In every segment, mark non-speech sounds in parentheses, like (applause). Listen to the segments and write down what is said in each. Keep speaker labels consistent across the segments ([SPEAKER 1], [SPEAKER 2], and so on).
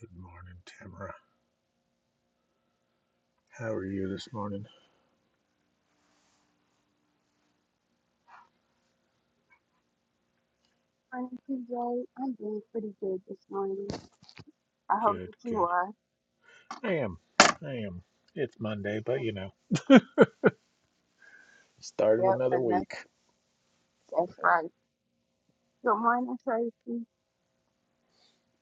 [SPEAKER 1] Good morning, Tamara. How are you this morning?
[SPEAKER 2] morning, TJ. I'm doing pretty good this morning. I hope
[SPEAKER 1] Good,
[SPEAKER 2] that you
[SPEAKER 1] good.
[SPEAKER 2] are.
[SPEAKER 1] I am. I am. It's Monday, but you know, start of
[SPEAKER 2] Yep,
[SPEAKER 1] another
[SPEAKER 2] another.
[SPEAKER 1] week.
[SPEAKER 2] That's right. Good morning, Tracy.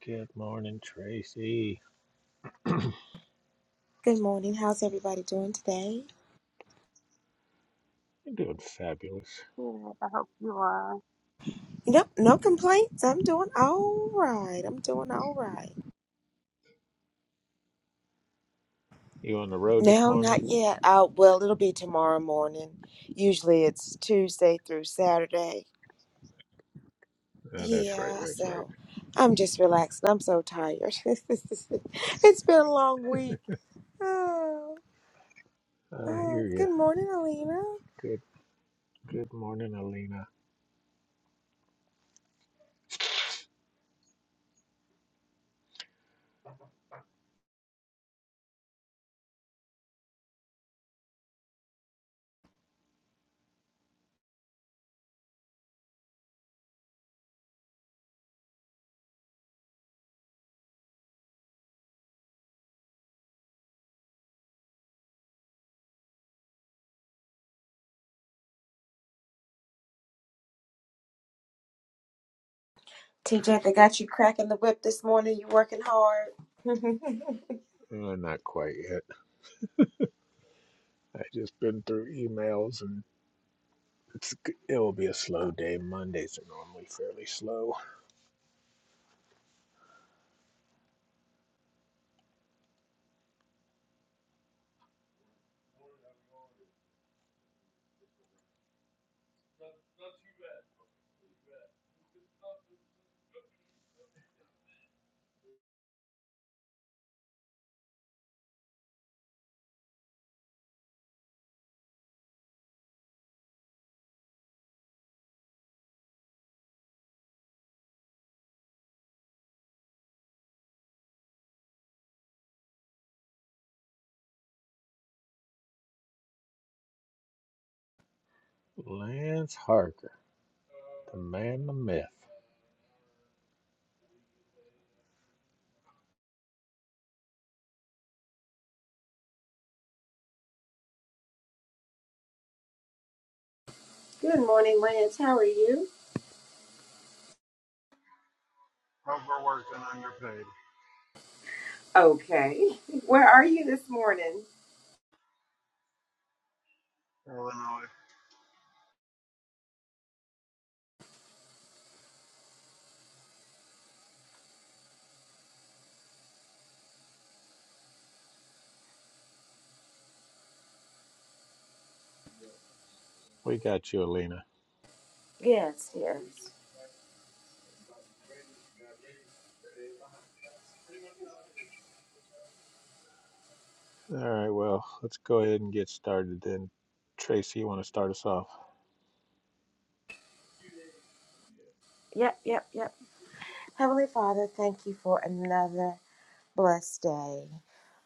[SPEAKER 1] Good morning, Tracy.
[SPEAKER 3] Good morning. How's everybody doing today?
[SPEAKER 1] You're doing fabulous.
[SPEAKER 2] Good. I hope you are.
[SPEAKER 3] Nope, no complaints. I'm doing all right. I'm doing all right.
[SPEAKER 1] You on the road this
[SPEAKER 3] No,
[SPEAKER 1] morning?
[SPEAKER 3] not yet. Uh, well, it'll be tomorrow morning. Usually it's Tuesday through Saturday.
[SPEAKER 1] Oh, that's right.
[SPEAKER 3] Yeah,
[SPEAKER 1] That's right.
[SPEAKER 3] so I'm just relaxing. I'm so tired. (laughs) it's been a long week. Oh,
[SPEAKER 1] I
[SPEAKER 3] oh,
[SPEAKER 1] hear you.
[SPEAKER 3] good morning, Alina.
[SPEAKER 1] Good, good morning, Alina.
[SPEAKER 3] TJ, they got you cracking the whip this morning. You working hard. (laughs) good
[SPEAKER 1] Uh, not quite yet. I just been through emails and it's, g- it'll be a slow day. Mondays are normally fairly slow. Lance Harker, the man, the myth.
[SPEAKER 3] morning, Lance. How are you?
[SPEAKER 4] overworked and underpaid.
[SPEAKER 3] Okay. (laughs) Where are you this morning?
[SPEAKER 4] Illinois.
[SPEAKER 1] We got you, Alina.
[SPEAKER 3] Yes, yes.
[SPEAKER 1] All right, well, let's go ahead and get started then. Tracy, you want to start us off?
[SPEAKER 3] Yep, yep, yep. Heavenly Father, thank you for another blessed day.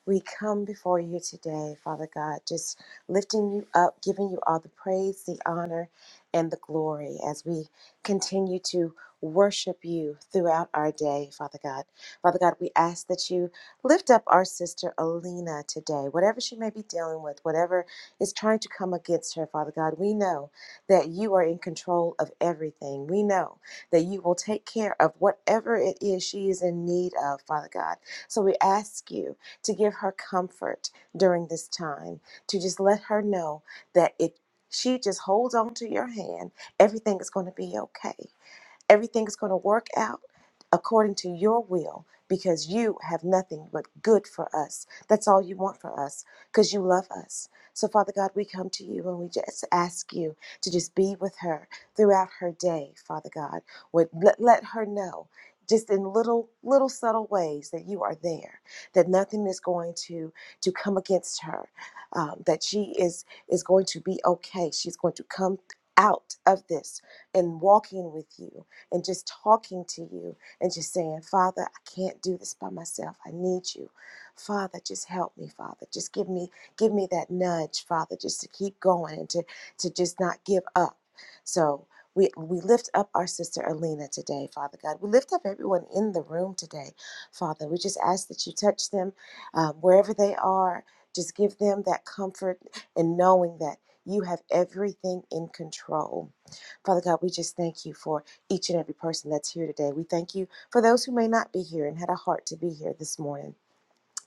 [SPEAKER 3] We come before you today, Father God, just lifting you up, giving you all the praise, the honor, and the glory as we continue to worship you throughout our day, Father God. Father God, we ask that you lift up our sister Alina today, whatever she may be dealing with, whatever is trying to come against her, Father God. We know that you are in control of everything. We know that you will take care of whatever it is she is in need of, Father God. So we ask you to give her comfort during this time, to just let her know that if she just holds on to your hand, everything is going to be okay. Everything is going to work out according to your will because you have nothing but good for us. That's all you want for us because you love us. So, Father God, we come to you and we just ask you to just be with her throughout her day, Father God. Would let, let her know just in little little subtle ways that you are there that nothing is going to to come against her um, that she is is going to be okay she's going to come out of this and walking with you and just talking to you and just saying, Father, I can't do this by myself. I need you. Father, just help me, Father. Just give me give me that nudge, Father, just to keep going and to to just not give up. So we, we lift up our sister Alina today, Father God. We lift up everyone in the room today, Father. We just ask that you touch them um, wherever they are. Just give them that comfort in knowing that you have everything in control. Father God, we just thank you for each and every person that's here today. We thank you for those who may not be here and had a heart to be here this morning.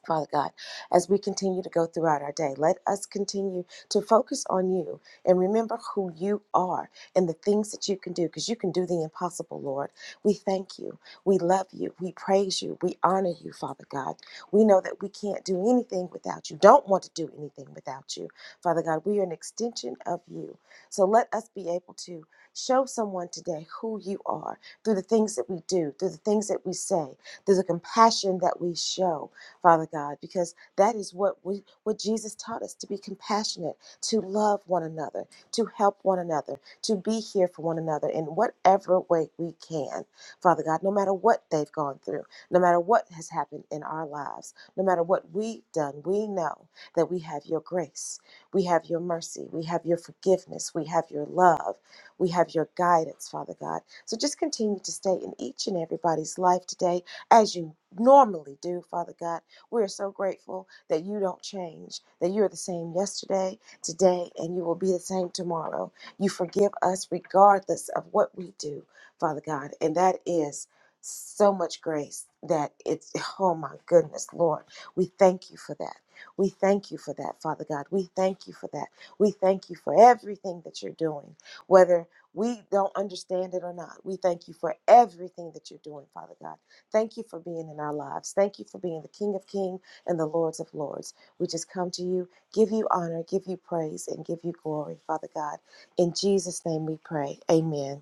[SPEAKER 3] Father God, as we continue to go throughout our day, let us continue to focus on you and remember who you are and the things that you can do because you can do the impossible, Lord. We thank you. We love you. We praise you. We honor you, Father God. We know that we can't do anything without you, don't want to do anything without you. Father God, we are an extension of you. So let us be able to show someone today who you are through the things that we do, through the things that we say, through the compassion that we show Father God, because that is what we, what Jesus taught us to be compassionate, to love one another, to help one another, to be here for one another in whatever way we can. Father God, no matter what they've gone through, no matter what has happened in our lives, no matter what we've done, we know that we have your grace, we have your mercy, we have your forgiveness, we have your love, we have your guidance, Father God. So just continue to stay in each and everybody's life today as you normally do, Father God. We're so grateful that you don't change, that you're the same yesterday, today, and you will be the same tomorrow. You forgive us regardless of what we do, Father God. And that is so much grace that it's, (sighs) oh my goodness, Lord. We thank you for that. We thank you for that, Father God. We thank you for that. We thank you for everything that you're doing, whether we don't understand it or not. We thank you for everything that you're doing, Father God. Thank you for being in our lives. Thank you for being the King of Kings and the Lords of Lords. We just come to you, give you honor, give you praise, and give you glory, Father God. In Jesus' name we pray. Amen.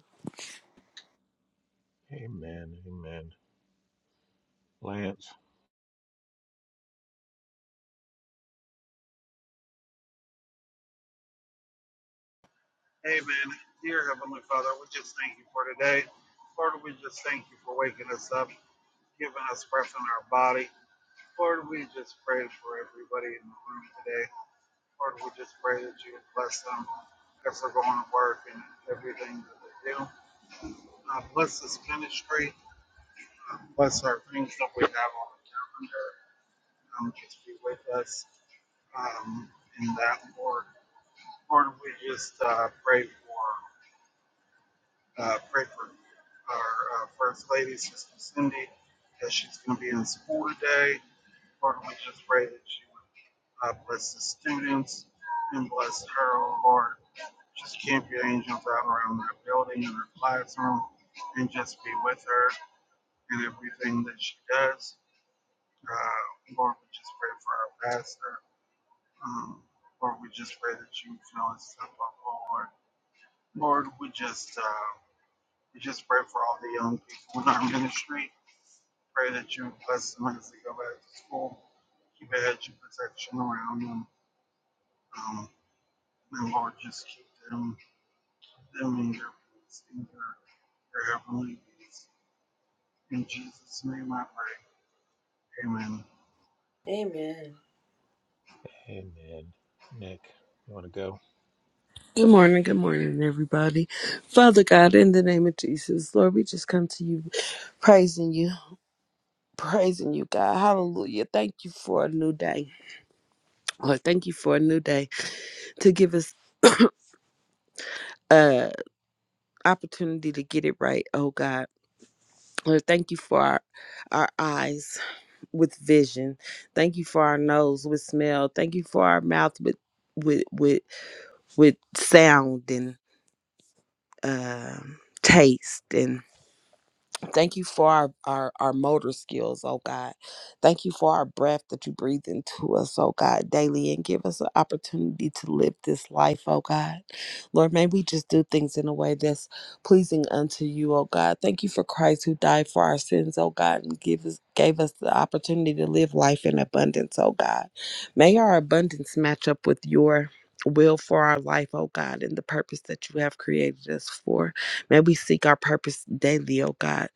[SPEAKER 1] Amen. Amen. Lance?
[SPEAKER 4] Amen. Dear Heavenly Father, we just thank you for today. Lord, we just thank you for waking us up, giving us breath in our body. Lord, we just pray for everybody in the room today. Lord, we just pray that you bless them as they're going to work and everything that they do. Uh, bless this ministry. Bless our things that we have on the calendar. Um, just be with us um, in that, Lord. Lord, we just uh, pray for uh, pray for our uh, First Lady, Sister Cindy, as she's going to be in school today. Lord, we just pray that you would uh, bless the students and bless her, oh Lord. Just camp your angels out around her building and her classroom and just be with her in everything that she does. Uh, Lord, we just pray for our pastor. Um, Lord, we just pray that you fill us up, oh Lord. Lord, we just uh, We just pray for all the young people in our ministry. Pray that you bless them as they go back to school. Keep a hedge of protection around them. Um, and Lord, just keep them, them in your peace, in your, your heavenly peace. In Jesus' name I pray. Amen.
[SPEAKER 1] Amen. Nick, you want to go?
[SPEAKER 5] Good morning, good morning, everybody. Father God, in the name of Jesus, Lord, we just come to you, praising you, praising you, God. Hallelujah. Thank you for a new day. Lord, thank you for a new day to give us uh opportunity to get it right, oh God. Lord, thank you for our, our eyes with vision. Thank you for our nose with smell. Thank you for our mouth with with with with sound and um taste and Thank you for our, our, our motor skills, oh God. Thank you for our breath that you breathe into us, oh God, daily and give us an opportunity to live this life, oh God. Lord, may we just do things in a way that's pleasing unto you, oh God. Thank you for Christ who died for our sins, oh God, and give us gave us the opportunity to live life in abundance, oh God. May our abundance match up with your will for our life, oh God, and the purpose that you have created us for. May we seek our purpose daily, oh God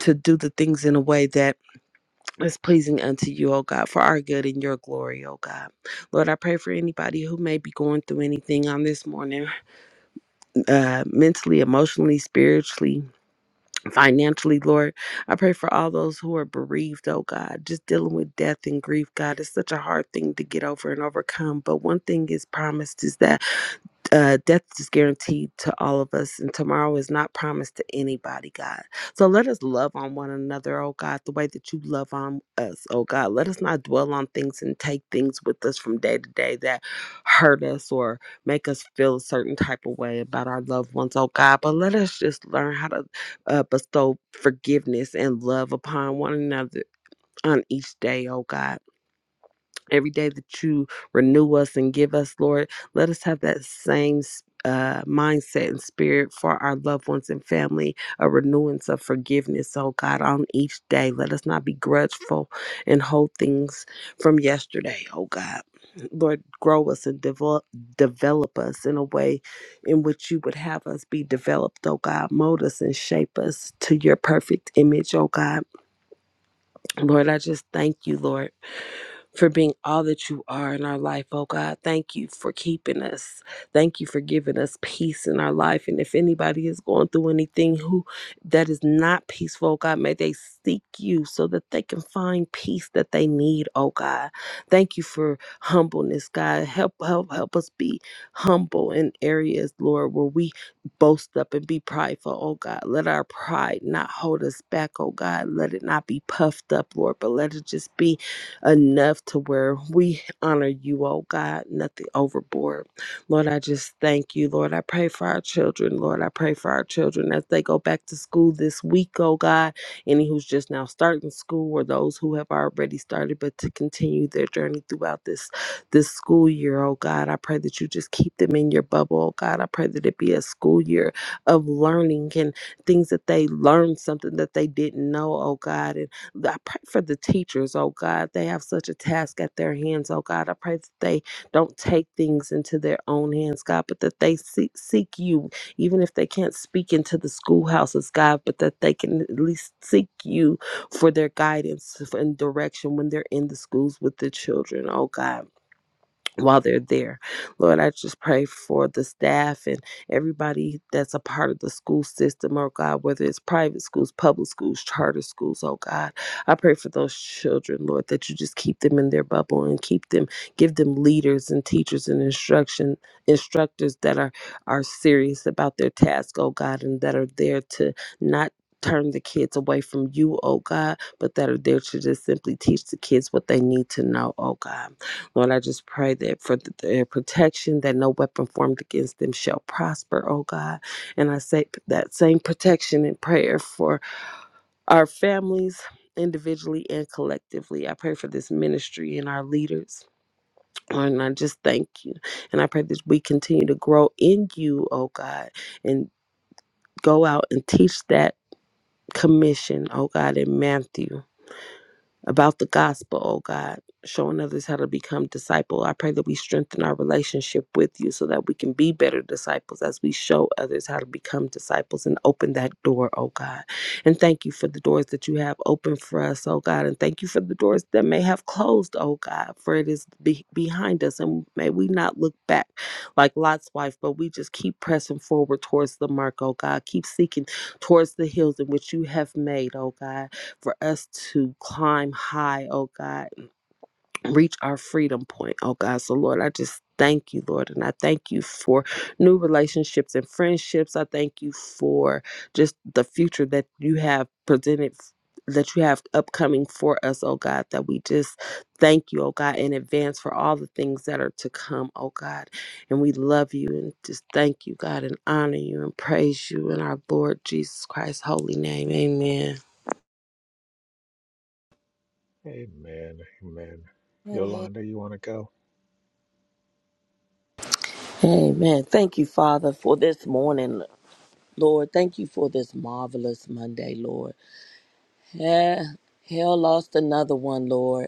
[SPEAKER 5] to do the things in a way that is pleasing unto you, O God, for our good and your glory, O God. Lord, I pray for anybody who may be going through anything on this morning, uh, mentally, emotionally, spiritually, financially, Lord. I pray for all those who are bereaved, oh God, just dealing with death and grief, God. It's such a hard thing to get over and overcome. But one thing is promised is that uh, death is guaranteed to all of us, and tomorrow is not promised to anybody, God. So let us love on one another, oh God, the way that you love on us, oh God. Let us not dwell on things and take things with us from day to day that hurt us or make us feel a certain type of way about our loved ones, oh God. But let us just learn how to uh, bestow forgiveness and love upon one another on each day, oh God every day that you renew us and give us, Lord, let us have that same uh, mindset and spirit for our loved ones and family, a renewance of forgiveness, oh God, on each day. Let us not be grudgeful and hold things from yesterday, oh God. Lord, grow us and develop, develop us in a way in which you would have us be developed, oh God. Mold us and shape us to your perfect image, oh God Lord, I just thank you, Lord, for being all that you are in our life, oh God. Thank you for keeping us. Thank you for giving us peace in our life. And if anybody is going through anything who that is not peaceful, oh God, may they seek you so that they can find peace that they need, oh God. Thank you for humbleness, God. Help help help us be humble in areas, Lord, where we boast up and be prideful, oh God. Let our pride not hold us back, oh God. Let it not be puffed up, Lord, but let it just be enough to where we honor you, oh God, nothing overboard. Lord, I just thank you, Lord. I pray for our children, Lord. I pray for our children as they go back to school this week, oh God. Any who's just now starting school or those who have already started, but to continue their journey throughout this this school year, oh God. I pray that you just keep them in your bubble, oh God. I pray that it be a school year of learning and things that they learn, something that they didn't know, oh God. And I pray for the teachers, oh God. They have such a task at their hands, oh God. I pray that they don't take things into their own hands, God, but that they seek, seek you, even if they can't speak into the schoolhouses, God, but that they can at least seek you for their guidance and direction when they're in the schools with the children, oh God while they're there. Lord, I just pray for the staff and everybody that's a part of the school system, oh God, whether it's private schools, public schools, charter schools, oh God. I pray for those children, Lord, that you just keep them in their bubble and keep them, give them leaders and teachers and instruction instructors that are are serious about their task, oh God, and that are there to not turn the kids away from you, oh God, but that are there to just simply teach the kids what they need to know, oh God. Lord, I just pray that for th- their protection, that no weapon formed against them shall prosper, oh God. And I say that same protection and prayer for our families individually and collectively. I pray for this ministry and our leaders. Lord, And I just thank you. And I pray that we continue to grow in you, oh God, and go out and teach that commission, oh God, in Matthew. about the gospel, oh God, showing others how to become disciple. I pray that we strengthen our relationship with you so that we can be better disciples as we show others how to become disciples and open that door, oh God. And thank you for the doors that you have opened for us, oh God. And thank you for the doors that may have closed, oh God, for it is be- behind us. And may we not look back like Lot's wife, but we just keep pressing forward towards the mark, oh God. Keep seeking towards the hills in which you have made, oh God for us to climb high, oh God, reach our freedom point, oh God. So, Lord, I just thank you, Lord, and I thank you for new relationships and friendships. I thank you for just the future that you have presented. That you have upcoming for us, oh God, that we just thank you, oh God, in advance for all the things that are to come, oh God. And we love you and just thank you, God, and honor you and praise you in our Lord Jesus Christ's holy name. Amen.
[SPEAKER 1] Amen. Amen.
[SPEAKER 3] Amen.
[SPEAKER 1] Yolanda, you want to go?
[SPEAKER 6] Amen. Thank you, Father, for this morning, Lord. Thank you for this marvelous Monday, Lord. Eh, Hell lost another one, Lord.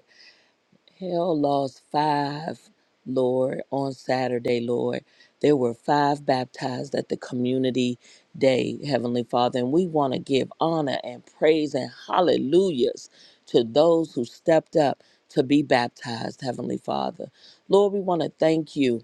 [SPEAKER 6] Hell lost five, Lord, on Saturday, Lord. There were five baptized at the community day, Heavenly Father, and we want to give honor and praise and hallelujahs to those who stepped up to be baptized, Heavenly Father. Lord, we want to thank you.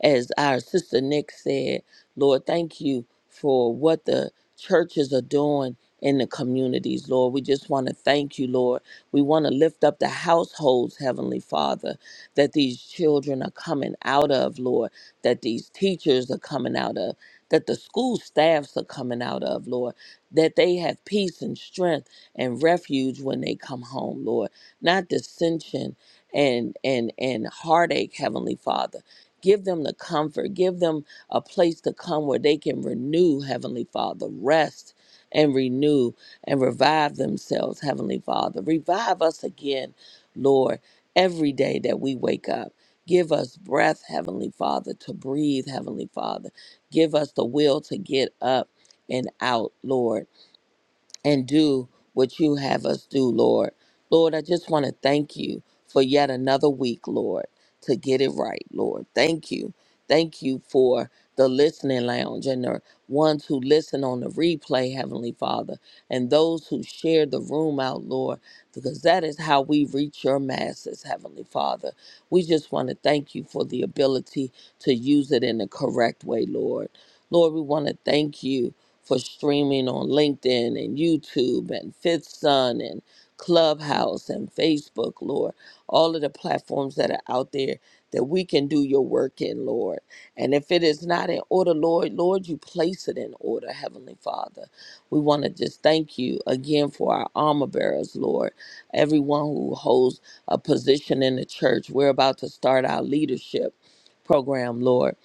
[SPEAKER 6] As our sister Nick said, Lord, thank you for what the churches are doing in the communities, Lord. We just want to thank you, Lord. We want to lift up the households, Heavenly Father, that these children are coming out of, Lord, that these teachers are coming out of, that the school staffs are coming out of, Lord, that they have peace and strength and refuge when they come home, Lord. Not dissension and and and heartache, Heavenly Father Give them the comfort. Give them a place to come where they can renew, Heavenly Father. Rest and renew and revive themselves, Heavenly Father. Revive us again, Lord, every day that we wake up. Give us breath, Heavenly Father, to breathe, Heavenly Father. Give us the will to get up and out, Lord and do what you have us do, Lord. Lord, I just want to thank you for yet another week, Lord, to get it right, Lord. Thank you. Thank you for the listening lounge and the ones who listen on the replay, Heavenly Father, and those who share the room out, Lord, because that is how we reach your masses, Heavenly Father. We just want to thank you for the ability to use it in the correct way, Lord. Lord, we want to thank you for streaming on LinkedIn and YouTube and Fifth Sun and Clubhouse and Facebook, Lord. All of the platforms that are out there that we can do your work in, Lord. And if it is not in order, Lord, Lord, you place it in order, Heavenly Father. We want to just thank you again for our armor bearers, Lord. Everyone who holds a position in the church. We're about to start our leadership program, Lord.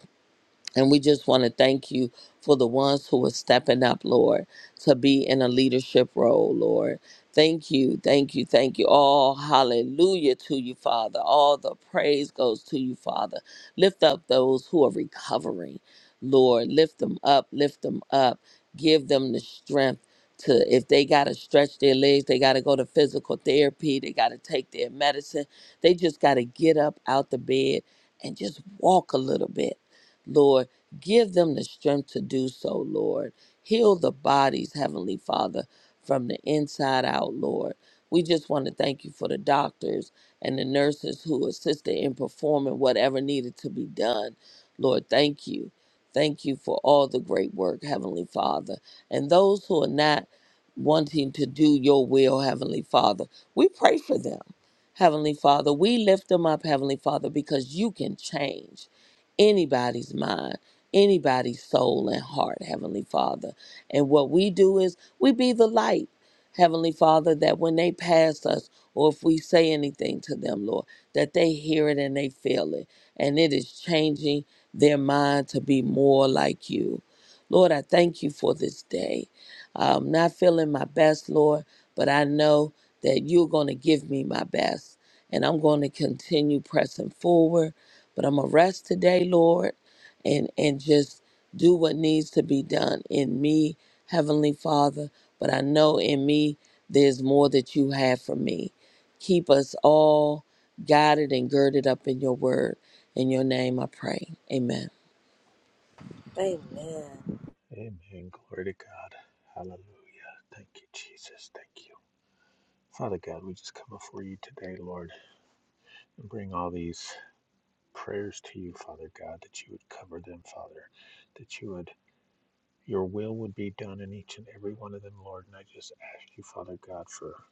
[SPEAKER 6] And we just want to thank you for the ones who are stepping up, Lord, to be in a leadership role, Lord. Thank you, thank you, thank you. All hallelujah to you, Father. All the praise goes to you, Father. Lift up those who are recovering, Lord. Lift them up, lift them up. Give them the strength to, if they got to stretch their legs, they got to go to physical therapy, they got to take their medicine, they just got to get up out the bed and just walk a little bit. Lord. Give them the strength to do so, Lord. Heal the bodies, Heavenly Father, from the inside out, Lord. We just want to thank you for the doctors and the nurses who assisted in performing whatever needed to be done. Lord, thank you. Thank you for all the great work, Heavenly Father. And those who are not wanting to do your will, Heavenly Father, we pray for them. Heavenly Father, we lift them up, Heavenly Father, because you can change anybody's mind anybody's soul and heart, Heavenly Father. And what we do is we be the light, Heavenly Father, that when they pass us or if we say anything to them, Lord, that they hear it and they feel it. And it is changing their mind to be more like you. Lord, I thank you for this day. I'm not feeling my best, Lord, but I know that you're going to give me my best. And I'm going to continue pressing forward. But I'm going to rest today, Lord, and, and just do what needs to be done in me, Heavenly Father. But I know in me, there's more that you have for me. Keep us all guided and girded up in your word. In your name I pray. Amen.
[SPEAKER 3] Amen.
[SPEAKER 1] Amen. Glory to God. Hallelujah. Thank you, Jesus. Thank you. Father God, we just come before you today, Lord, and bring all these prayers to you, Father God, that you would cover them, Father, that you would Your will would be done in each and every one of them, Lord. And I just ask you, Father God, for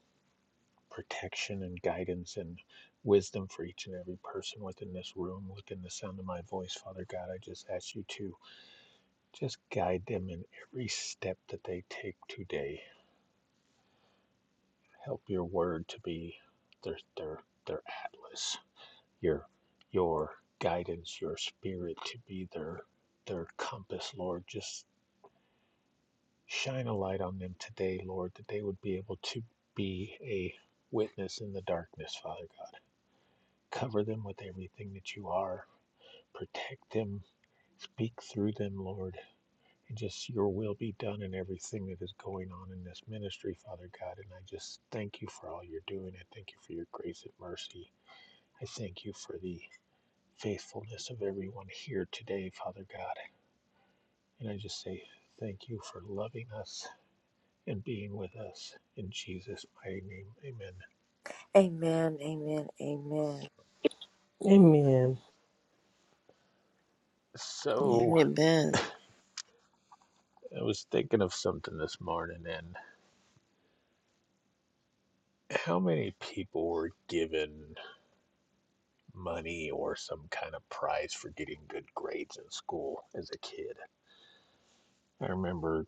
[SPEAKER 1] protection and guidance and wisdom for each and every person within this room, within the sound of my voice, Father God. I just ask you to just guide them in every step that they take today. Help your word to be their their their atlas, your your guidance, your spirit to be their their compass, Lord. Just Shine a light on them today, Lord, that they would be able to be a witness in the darkness, Father God. Cover them with everything that you are. Protect them. Speak through them, Lord. And just your will be done in everything that is going on in this ministry, Father God. And I just thank you for all you're doing. I thank you for your grace and mercy. I thank you for the faithfulness of everyone here today, Father God. And I just say thank you for loving us and being with us. In Jesus' mighty name, amen.
[SPEAKER 3] Amen. Amen. Amen.
[SPEAKER 5] Amen.
[SPEAKER 1] So,
[SPEAKER 6] Amen.
[SPEAKER 1] I was thinking of something this morning, and how many people were given money or some kind of prize for getting good grades in school as a kid? I remember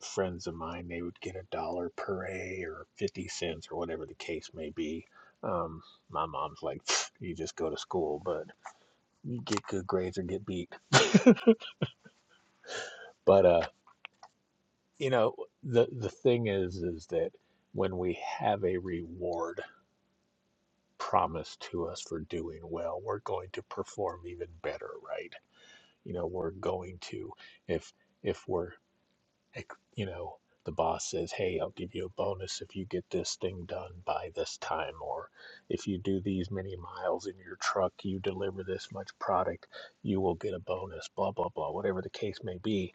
[SPEAKER 1] friends of mine, they would get a dollar per A or 50 cents or whatever the case may be. Um, my mom's like, you just go to school, but you get good grades or get beat. But, uh, you know the the thing is is that when we have a reward promised to us for doing well we're going to perform even better right you know we're going to if if we're ex- you know the boss says hey i'll give you a bonus if you get this thing done by this time or if you do these many miles in your truck you deliver this much product you will get a bonus blah blah blah whatever the case may be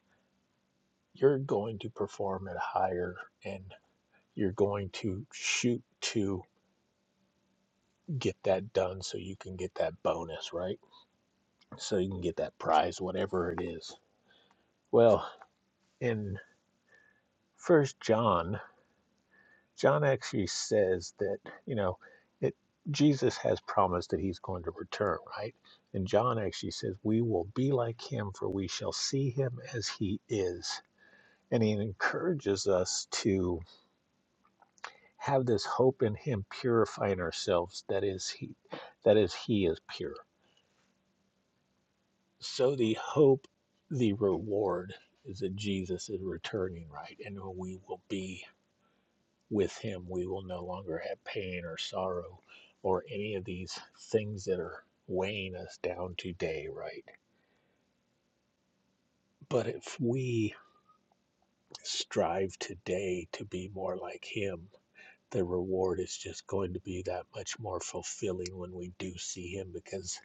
[SPEAKER 1] you're going to perform at higher end you're going to shoot to get that done so you can get that bonus, right? So you can get that prize, whatever it is. Well, in First John, John actually says that you know it. Jesus has promised that He's going to return, right? And John actually says, "We will be like Him, for we shall see Him as He is." And he encourages us to have this hope in Him, purifying ourselves. That is, He, that is, He is pure So the hope, the reward is that Jesus is returning, right? And we will be with him. We will no longer have pain or sorrow or any of these things that are weighing us down today, right? But if we strive today to be more like him, the reward is just going to be that much more fulfilling when we do see him because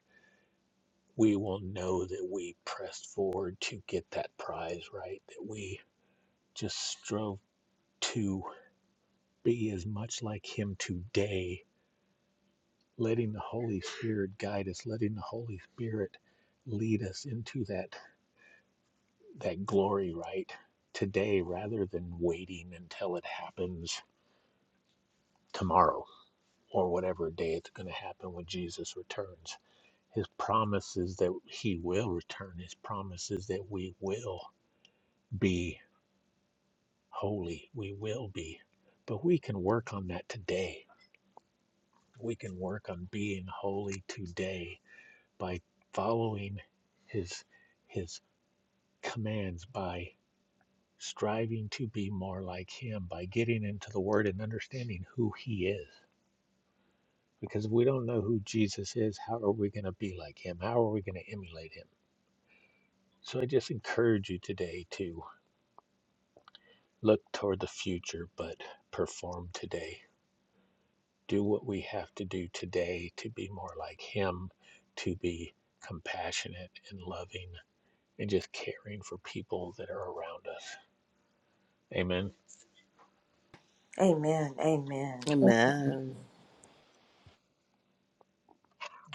[SPEAKER 1] we will know that we pressed forward to get that prize, right? That we just strove to be as much like Him today, letting the Holy Spirit guide us, letting the Holy Spirit lead us into that that glory right today rather than waiting until it happens tomorrow or whatever day it's going to happen when Jesus returns. His promise is that he will return. His promise is that we will be holy. We will be. But we can work on that today. We can work on being holy today by following his his commands by striving to be more like him by getting into the word and understanding who he is because if we don't know who jesus is how are we going to be like him how are we going to emulate him so i just encourage you today to look toward the future but perform today do what we have to do today to be more like him to be compassionate and loving and just caring for people that are around us Amen.
[SPEAKER 3] Amen. Amen.
[SPEAKER 6] Amen.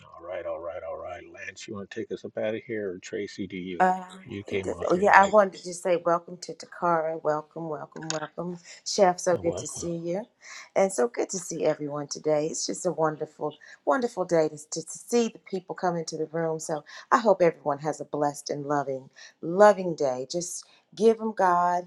[SPEAKER 1] All right, all right, all right. Lance, you want to take us up out of here, or Tracy, do you?
[SPEAKER 3] Uh,
[SPEAKER 1] You came off your
[SPEAKER 3] yeah, I
[SPEAKER 1] mic.
[SPEAKER 3] wanted to say welcome to Takara. Welcome, welcome, welcome. Chef, so
[SPEAKER 1] And
[SPEAKER 3] good to
[SPEAKER 1] welcome.
[SPEAKER 3] see you. And so good to see everyone today. It's just a wonderful, wonderful day to, to to see the people come into the room. So I hope everyone has a blessed and loving, loving day. Just give them God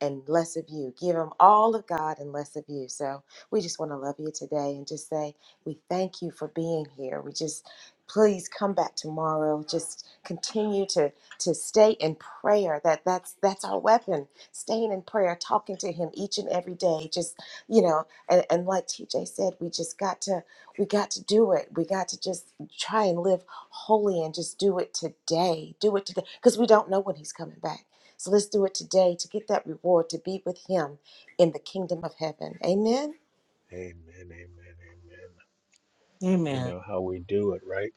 [SPEAKER 3] and less of you. Give them all of God and less of you. So we just want to love you today and just say we thank you for being here. We just please come back tomorrow. Just continue to to stay in prayer that that's that's our weapon staying in prayer talking to him each and every day just you know and, and like tj said we just got to we got to do it we got to just try and live holy and just do it today do it today because we don't know when he's coming back so let's do it today to get that reward to be with him in the kingdom of heaven amen
[SPEAKER 1] Amen, amen, amen. You know how we do it, right?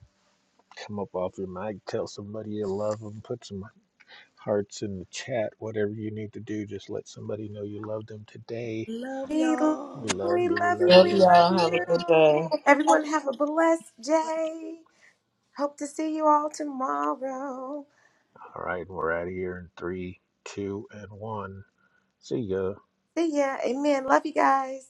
[SPEAKER 1] Come up off your mic, tell somebody you love them, put some hearts in the chat, whatever you need to do. Just let somebody know you love them today.
[SPEAKER 6] Love
[SPEAKER 3] we
[SPEAKER 1] We
[SPEAKER 6] y'all.
[SPEAKER 1] love you, we
[SPEAKER 3] love
[SPEAKER 1] love
[SPEAKER 3] you
[SPEAKER 1] you,
[SPEAKER 3] we
[SPEAKER 1] we
[SPEAKER 3] love
[SPEAKER 1] love you.
[SPEAKER 3] you everyone have a blessed day Hope to see you all tomorrow.
[SPEAKER 1] All right, we're out of here in three, two, and one. See ya.
[SPEAKER 3] See ya. Amen. Love you guys.